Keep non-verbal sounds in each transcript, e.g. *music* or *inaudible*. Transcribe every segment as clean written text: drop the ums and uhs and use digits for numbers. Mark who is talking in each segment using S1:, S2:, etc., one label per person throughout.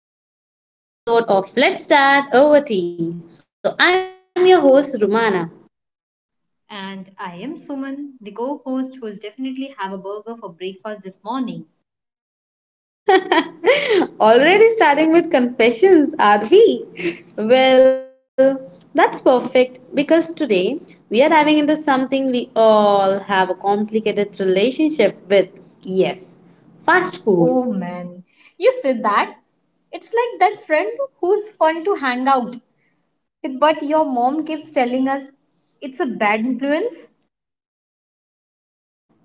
S1: everyone, and welcome back to another episode of Let's Start Over Tea. So, I'm your host, Rumana.
S2: And I am Suman, the co host who's definitely have a burger for breakfast this morning.
S1: *laughs* Already starting with confessions, are we? *laughs* Well, that's perfect because today we are diving into something we all have a complicated relationship with. Yes, fast
S2: Oh
S1: food.
S2: man, you said that. It's like that friend who's fun to hang out with, but your mom keeps telling us it's a bad influence.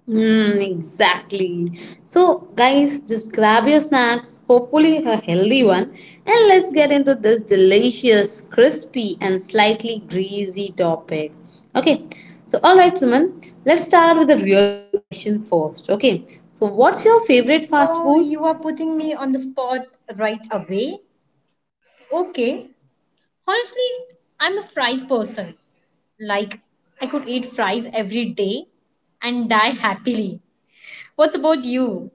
S1: Hmm, exactly. So, guys, just grab your snacks, hopefully a healthy one, and let's get into this delicious, crispy, and slightly greasy topic. Okay, so all right, Suman, let's start with the real question first. Okay, so what's your favorite fast
S2: Oh,
S1: food?
S2: you are putting me on the spot right away. Okay, honestly, I'm a fries person. Like, I could eat fries every day and die happily. What's about you?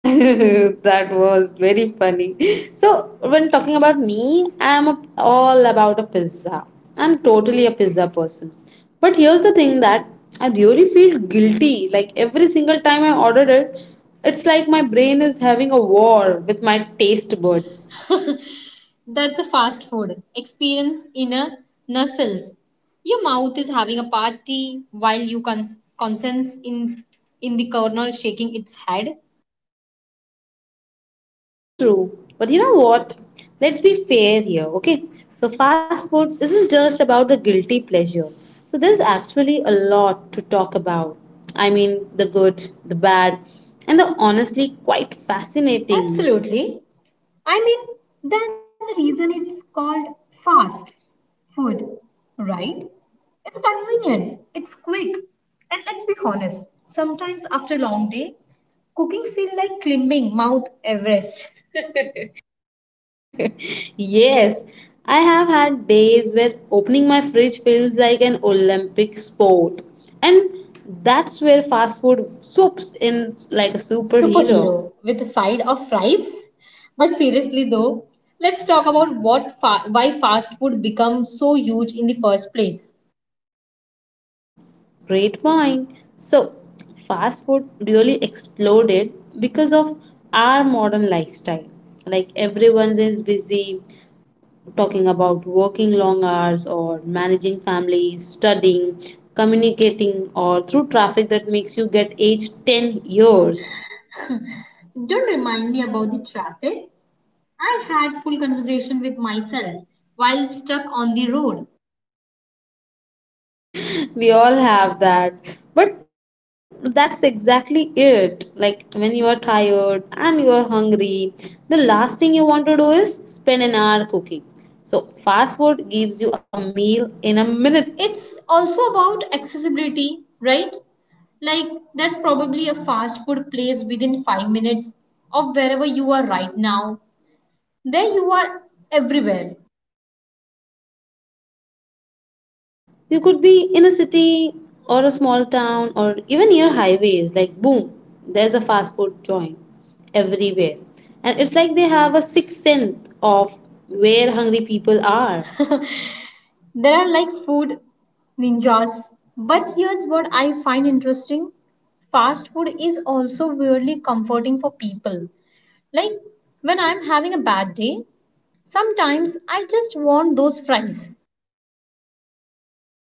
S1: *laughs* That was very funny. So, when talking about me, all about a pizza. I'm totally a pizza person. But here's the thing that I really feel guilty. Like every single time I ordered it, it's like my brain is having a war with my taste buds.
S2: That's a fast food experience in a nutshell. Your mouth is having a party while you consents in the corner shaking its head.
S1: So true. But you know what? Let's be fair here, okay? So, fast food isn't just about the guilty pleasure. So, there's actually a lot to talk about. I mean, the good, the bad, and the honestly quite fascinating.
S2: Absolutely. I mean, there's a reason it's called fast food, right? It's convenient, it's quick, and let's be honest, sometimes after a long day, cooking feels like climbing Mount Everest.
S1: *laughs* Yes, I have had days where opening my fridge feels like an Olympic sport. And that's where fast food swoops in like a superhero.
S2: Superhero with a side of fries. But seriously though, let's talk about why fast food become so huge in the first place.
S1: Great mind. So, fast food really exploded because of our modern lifestyle. Like everyone is busy talking about working long hours or managing family, studying, communicating, or through traffic that makes you get aged 10 years.
S2: Don't remind me about the traffic. I had full conversation with myself while stuck on the road.
S1: We all have that, but that's exactly it. Like when you are tired and you are hungry, the last thing you want to do is spend an hour cooking. So fast food gives you a meal in a minute.
S2: It's also about accessibility, right? Like there's probably a fast food place within 5 minutes of wherever you are right now. There you are everywhere.
S1: Exactly, Suman. You could be in a city or a small town or even near highways, like boom, there's a fast food joint everywhere. And it's like they have a sixth sense of where hungry people are.
S2: There are like food ninjas. But here's what I find interesting, fast food is also weirdly comforting for people. Like when I'm having a bad day, sometimes I just want those fries.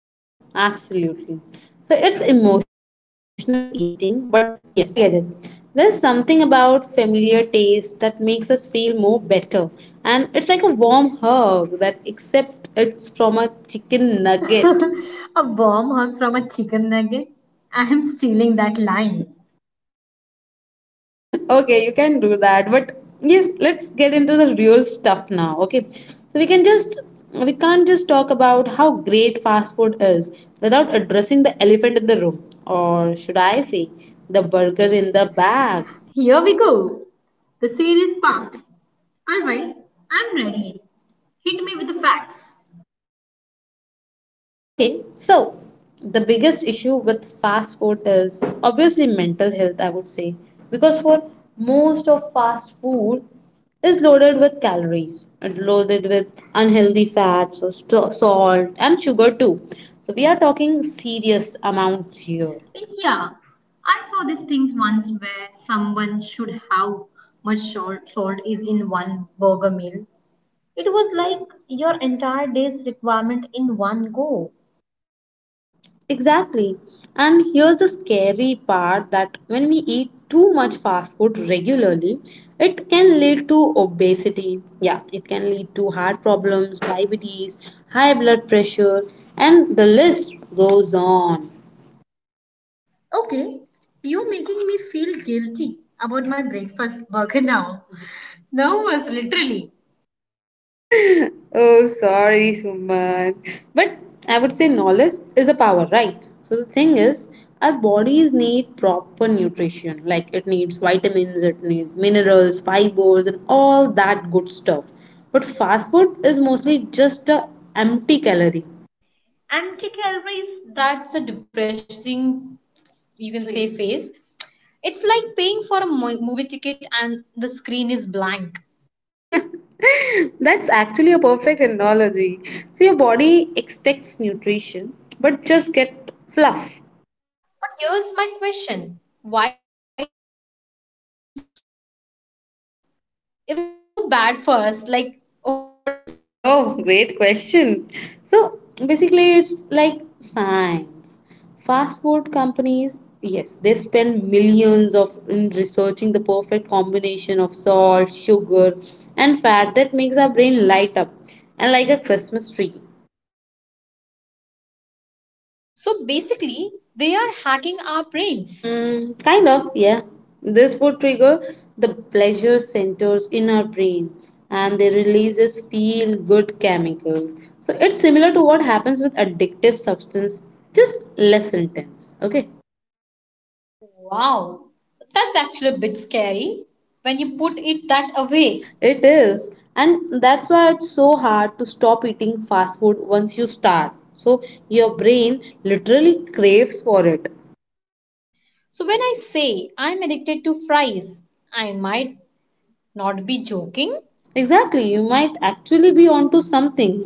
S1: Oh, absolutely. So it's emotional eating, but yes, I get it. There's something about familiar taste that makes us feel more better. And it's like a warm hug that except it's from a chicken
S2: *laughs*
S1: nugget.
S2: a warm hug from a chicken nugget. I'm stealing that line.
S1: *laughs* Okay, you can do that, but yes, let's get into the real stuff now. Okay. We can't just talk about how great fast food is without addressing the elephant in the room, or should I say, the burger in the bag.
S2: Here we go. The serious part. Alright, I'm ready. Hit me with the facts.
S1: Okay, so the biggest issue with fast food is obviously mental health, I would say, because for most of fast food is loaded with calories and loaded with unhealthy fats or salt and sugar too. So we are talking serious amounts here.
S2: Yeah, I saw these things once where someone should how much salt is in one burger meal. It was like your entire day's requirement in one go.
S1: Exactly. And here's the scary part that when we eat too much fast food regularly, it can lead to obesity. Yeah, it can lead to heart problems, diabetes, high blood pressure, and the list goes on.
S2: Okay, you're making me feel guilty about my breakfast burger *laughs* now. Nervous, literally.
S1: Oh, sorry, Suman. But I would say knowledge is a power, right? So the thing is, our bodies need proper nutrition. Like it needs vitamins, it needs minerals, fibers, and all that good stuff. But fast food is mostly just a empty calorie.
S2: Empty calories, that's a depressing, you can say, face. It's like paying for a movie ticket and the screen is blank.
S1: *laughs* That's actually a perfect analogy. So your body expects nutrition, but just get fluff.
S2: But here's my question. Why does fast food taste so good? If it's so bad for us, like what's the secret?
S1: Oh, great question. So basically, it's like science. Fast food companies, yes, they spend millions of in researching the perfect combination of salt, sugar, and fat that makes our brain light up and like a Christmas tree.
S2: So basically, they are hacking our brains.
S1: Mm, kind of, yeah. This would trigger the pleasure centers in our brain and they releases feel good chemicals. So it's similar to what happens with addictive substance, just less intense. Okay.
S2: Wow, that's actually a bit scary when you put it that away.
S1: It is. And that's why it's so hard to stop eating fast food once you start. So your brain literally craves for it.
S2: So when I say I'm addicted to fries, I might not be joking.
S1: Exactly, you might actually be onto something.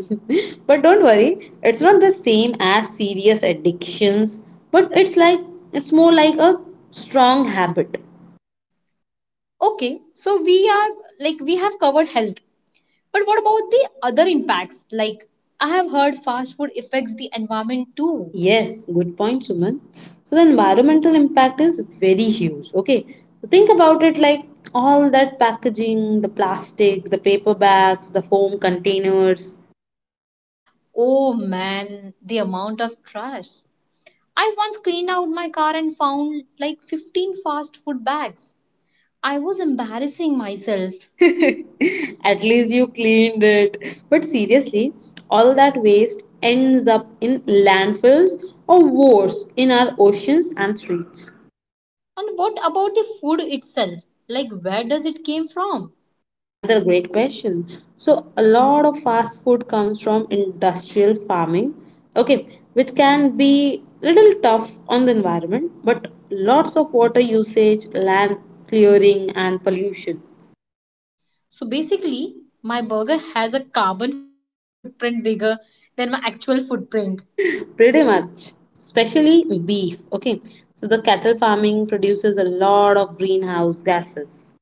S1: *laughs* But don't worry, it's not the same as serious addictions, but it's more like a strong habit.
S2: Okay, so we are like we have covered health. But what about the other impacts? Like I have heard fast food affects the environment too.
S1: Yes, good point, Suman. So the environmental impact is very huge. Okay, so think about it like all that packaging, the plastic, the paper bags, the foam containers.
S2: Oh man, the amount of trash. I once cleaned out my car and found like 15 fast food bags. I was embarrassing myself.
S1: *laughs* At least you cleaned it. But seriously, all that waste ends up in landfills or worse, in our oceans and streets.
S2: And what about the food itself? Like where does it came from?
S1: Another great question. So, a lot of fast food comes from industrial farming, okay, which can be little tough on the environment, but lots of water usage, land clearing, and pollution.
S2: So basically, my burger has a carbon footprint bigger than my actual footprint.
S1: Pretty much, especially beef. Okay, so the cattle farming produces a lot of greenhouse gases.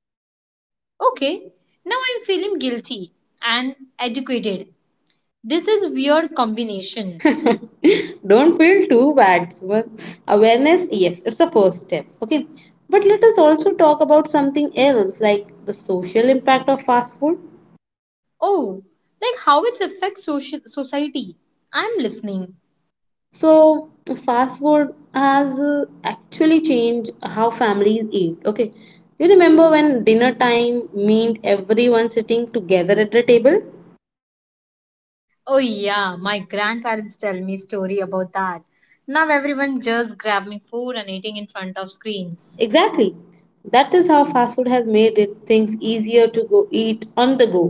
S2: Okay, now I'm feeling guilty and educated. This is weird combination.
S1: *laughs* Don't feel too bad, Suman. Awareness, yes, it's a first step. Okay, but let us also talk about something else like the social impact of fast food.
S2: Oh, like how it affects social society. I'm listening.
S1: So, fast food has actually changed how families eat. Okay, you remember when dinner time meant everyone sitting together at the table?
S2: Oh yeah, my grandparents tell me story about that. Now everyone just grabbing food and eating in front of screens.
S1: Exactly. That is how fast food has made it things easier to go eat on the go,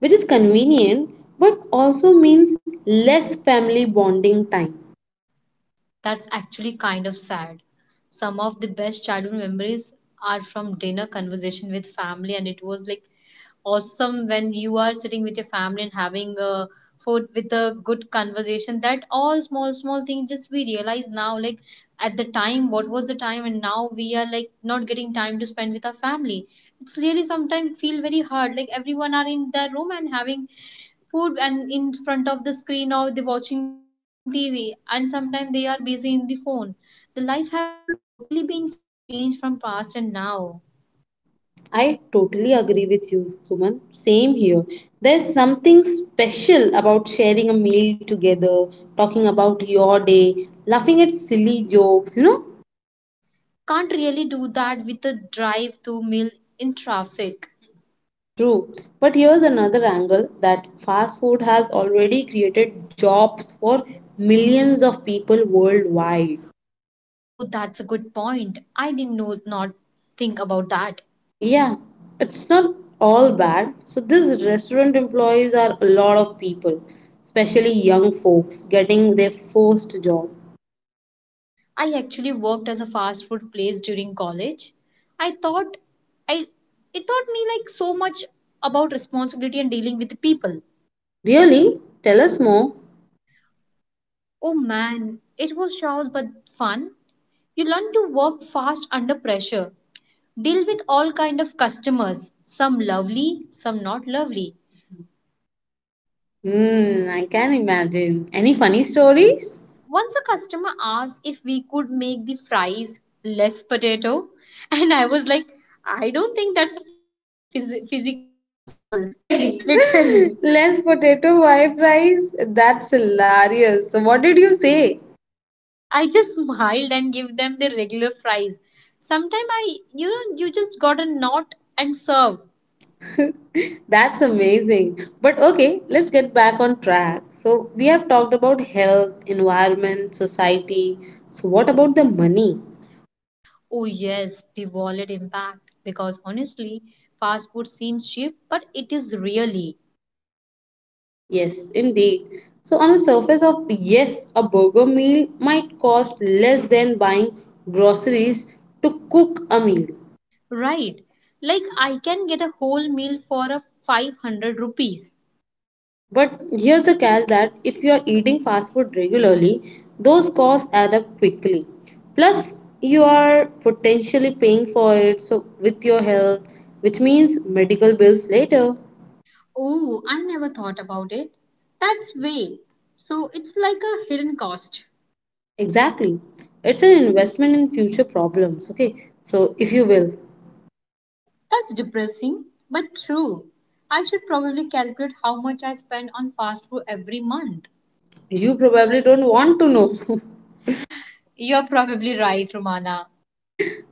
S1: which is convenient but also means less family bonding time.
S2: That's actually kind of sad. Some of the best childhood memories are from dinner conversation with family, and it was like awesome when you are sitting with your family and having a food with a good conversation. That all small small things just we realize now, like at the time, what was the time, and now we are like not getting time to spend with our family. It's really sometimes feel very hard. Like everyone are in their room and having food and in front of the screen or they're watching TV and sometimes they are busy in the phone. The life have totally been changed from past and now.
S1: I totally agree with you, Suman. Same here. There's something special about sharing a meal together, talking about your day, laughing at silly jokes, you know?
S2: Can't really do that with a drive to meal in traffic.
S1: True. But here's another angle that fast food has already created jobs for millions of people worldwide.
S2: Oh, that's a good point. I didn't know not think about that.
S1: Yeah, it's not all bad. So these restaurant employees are a lot of people, especially young folks getting their first job.
S2: I actually worked as a fast food place during college. I thought I it taught me like so much about responsibility and dealing with the people.
S1: Really? Tell us more.
S2: Oh man, it was chaos but fun. You learn to work fast under pressure, deal with all kind of customers, some lovely, some not lovely.
S1: Hmm, I can imagine. Any funny stories?
S2: Once a customer asked if we could make the fries less potato, *laughs* and I was like, I don't think that's physically possible.
S1: *laughs*
S2: *laughs*
S1: Literally.
S2: Literally,
S1: Less potato wife fries? That's hilarious. So what did you say?
S2: I just smiled and give them the regular fries. Sometimes I, you know, you just gotta not and serve.
S1: That's amazing. But okay, let's get back on track. So we have talked about health, environment, society. So what about the money?
S2: Oh, yes, the wallet impact. Because honestly, fast food seems cheap, but it is really
S1: Yes, indeed. So, on the surface of yes, a burger meal might cost less than buying groceries to cook a meal.
S2: right. Like, I can get a whole meal for a 500 rupees.
S1: But here's the catch that if you're eating fast food regularly, those costs add up quickly. Plus, you are potentially paying for it so with your health, which means medical bills later.
S2: Oh, I never thought about it. That's way. So, it's like a hidden cost.
S1: Exactly. It's an investment in future problems, okay? So, if you will,
S2: That's depressing, but true. I should probably calculate how much I spend on fast food every month.
S1: you probably don't want to know. *laughs*
S2: You're probably right, Romana.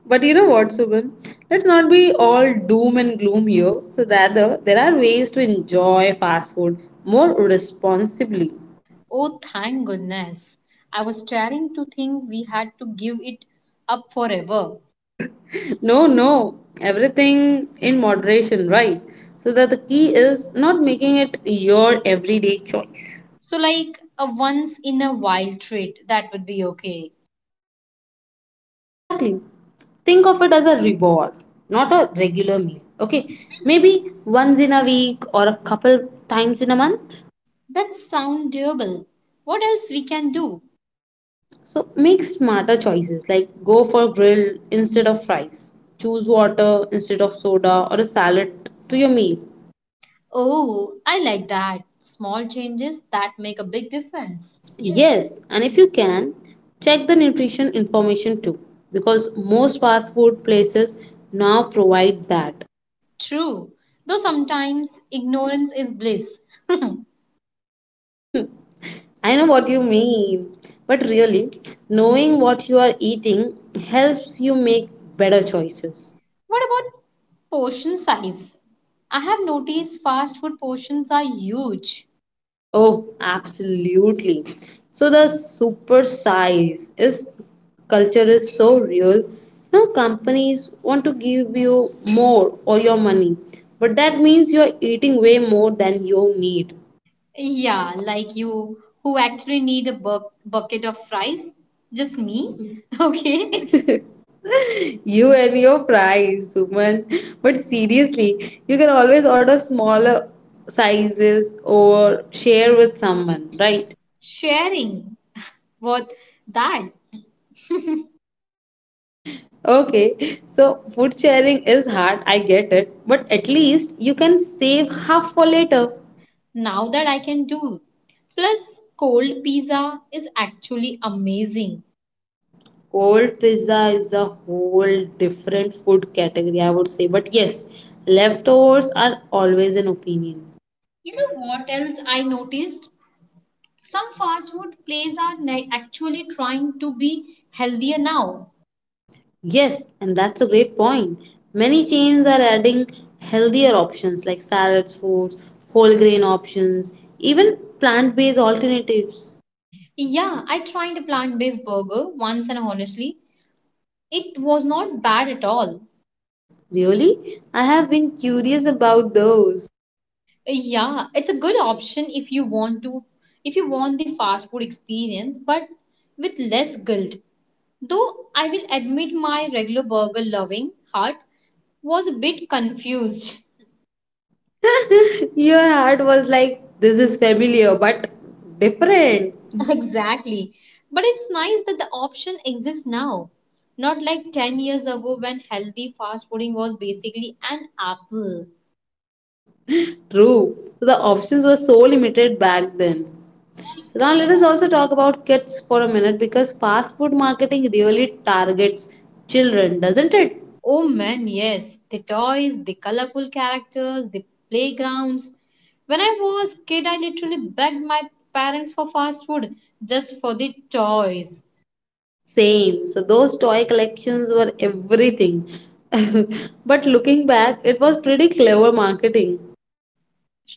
S1: But you know what, Subhan? Let's not be all doom and gloom here. So, rather, there are ways to enjoy fast food more responsibly.
S2: Oh, thank goodness. I was starting to think we had to give it up forever.
S1: *laughs* No, no, everything in moderation, right? So, that the key is not making it your everyday choice.
S2: So, like a once in a while treat, that would be okay.
S1: Exactly. Think of it as a reward, not a regular meal. Okay, maybe once in a week or a couple times in a month.
S2: That sounds doable. What else we can do?
S1: So make smarter choices like go for grill instead of fries. Choose water instead of soda or a salad to your meal.
S2: Oh, I like that. Small changes that make a big difference. Yes.
S1: Yes, and if you can, check the nutrition information too because most fast food places now provide that.
S2: True. Though sometimes ignorance is bliss.
S1: Hmm, I know what you mean, but really, knowing what you are eating helps you make better choices.
S2: What about portion size? I have noticed fast food portions are huge.
S1: Oh, absolutely. So the super size is culture is so real. Now companies want to give you more or your money, but that means you're eating way more than you need.
S2: Yeah, like you, who actually need a bucket of fries. Just me. *laughs* Okay.
S1: Okay. *laughs* You and your fries, woman. But seriously, you can always order smaller sizes or share with someone, right?
S2: Sharing. What that?
S1: Okay, so food sharing is hard, I get it, but at least you can save half for later.
S2: Now that I can do. Plus, cold pizza is actually amazing.
S1: Cold pizza is a whole different food category, I would say, but yes, leftovers are always an opinion.
S2: You know what else I noticed? Some fast food places are actually trying to be healthier now.
S1: Yes, and that's a great point. Many chains are adding healthier options like salads, foods, whole grain options, even plant based alternatives.
S2: Yeah, I tried a plant based burger once and honestly, it was not bad at all.
S1: Really? I have been curious about those.
S2: Yeah, it's a good option if you want the fast food experience but with less guilt. Though I will admit my regular burger loving heart was a bit confused.
S1: Your heart was like, this is familiar but different.
S2: *laughs* exactly. But it's nice that the option exists now. Not like 10 years ago when healthy fast fooding was basically an apple.
S1: *laughs* True. So, the options were so limited back then. So now let us also talk about kids for a minute because fast food marketing really targets children, doesn't it?
S2: Oh man, yes. The toys, the colorful characters, the playgrounds. When I was kid, I literally begged my parents for fast food just for the toys,
S1: Same. So those toy collections were everything. *laughs* But looking back, it was pretty clever marketing.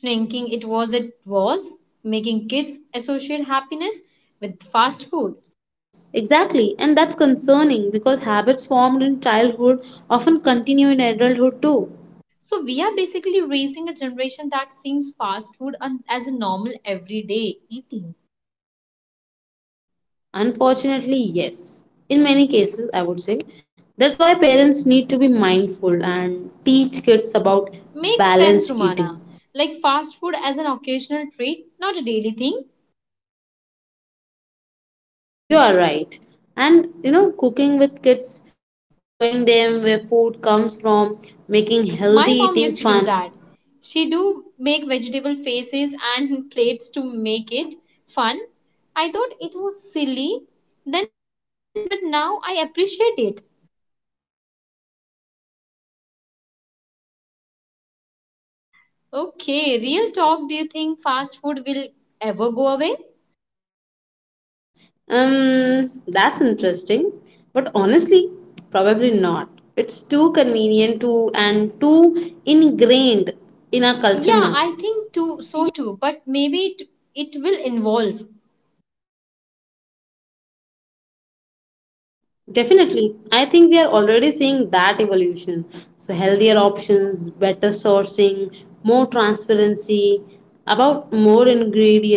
S2: thinking it was making kids associate happiness with fast food.
S1: Oh, exactly, and that's concerning because habits formed in childhood often continue in adulthood too.
S2: So we are basically raising a generation that seems fast food as a normal everyday eating.
S1: Unfortunately, yes. In many cases, I would say. That's why parents need to be mindful and teach kids about
S2: Makes sense,
S1: balanced
S2: Romana.
S1: eating.
S2: Like fast food as an occasional treat, not a daily thing.
S1: You are right. And you know, cooking with kids, showing them where food comes from, making healthy
S2: My mom
S1: eating
S2: used to do
S1: fun.
S2: that. She do make vegetable faces and plates to make it fun. I thought it was silly then but now I appreciate it.
S1: *laughs* That was adorable and smart
S2: Okay,
S1: parenting.
S2: real talk, do you think fast food will ever go away?
S1: That's interesting. But honestly, probably not. It's too convenient to and too ingrained in our culture
S2: Yeah,
S1: now.
S2: I think too so too, but maybe it will evolve.
S1: Definitely. I think we are already seeing that evolution. So healthier options, better sourcing, more transparency, about more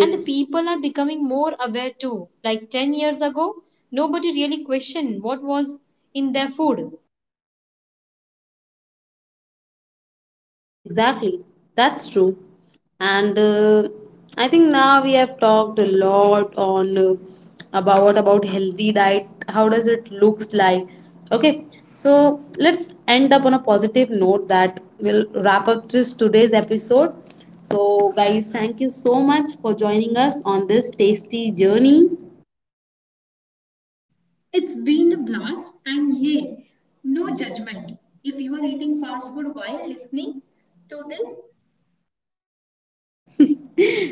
S2: And the people are becoming more aware too. Like 10 years ago, nobody really questioned what was in their food.
S1: Exactly, that's true. And I think now we have talked a lot on about healthy diet. How does it looks like? Okay, so let's end up on a positive note that will wrap up this today's episode. So, guys, thank you so much for joining us on this tasty journey.
S2: It's been a blast, and hey, no judgment. If you are eating fast food while listening to this,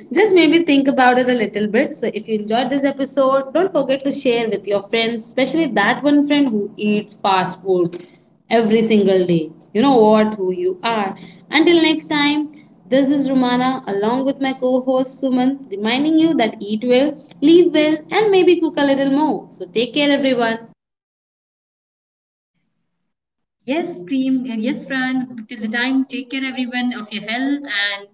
S1: Just maybe think about it a little bit. So, if you enjoyed this episode, don't forget to share with your friends, especially that one friend who eats fast food every single day. You know what? Who you are. Until next time, this is Romana along with my co host Suman, reminding you that eat well, live well, and maybe cook a little more. So, take care, everyone.
S2: yes, team, and yes, Fran, till the time, take care, everyone, of your health. And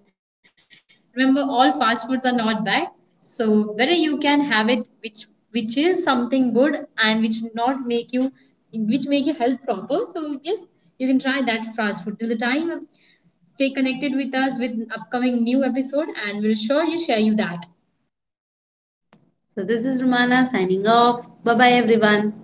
S2: remember, all fast foods are not bad. So, whether you can have it, which is something good and which not make you which make your health proper so yes you can try that fast food till the time stay connected with us with upcoming new episode and we'll sure you share you that
S1: So, this is Romana signing off. Bye bye, everyone.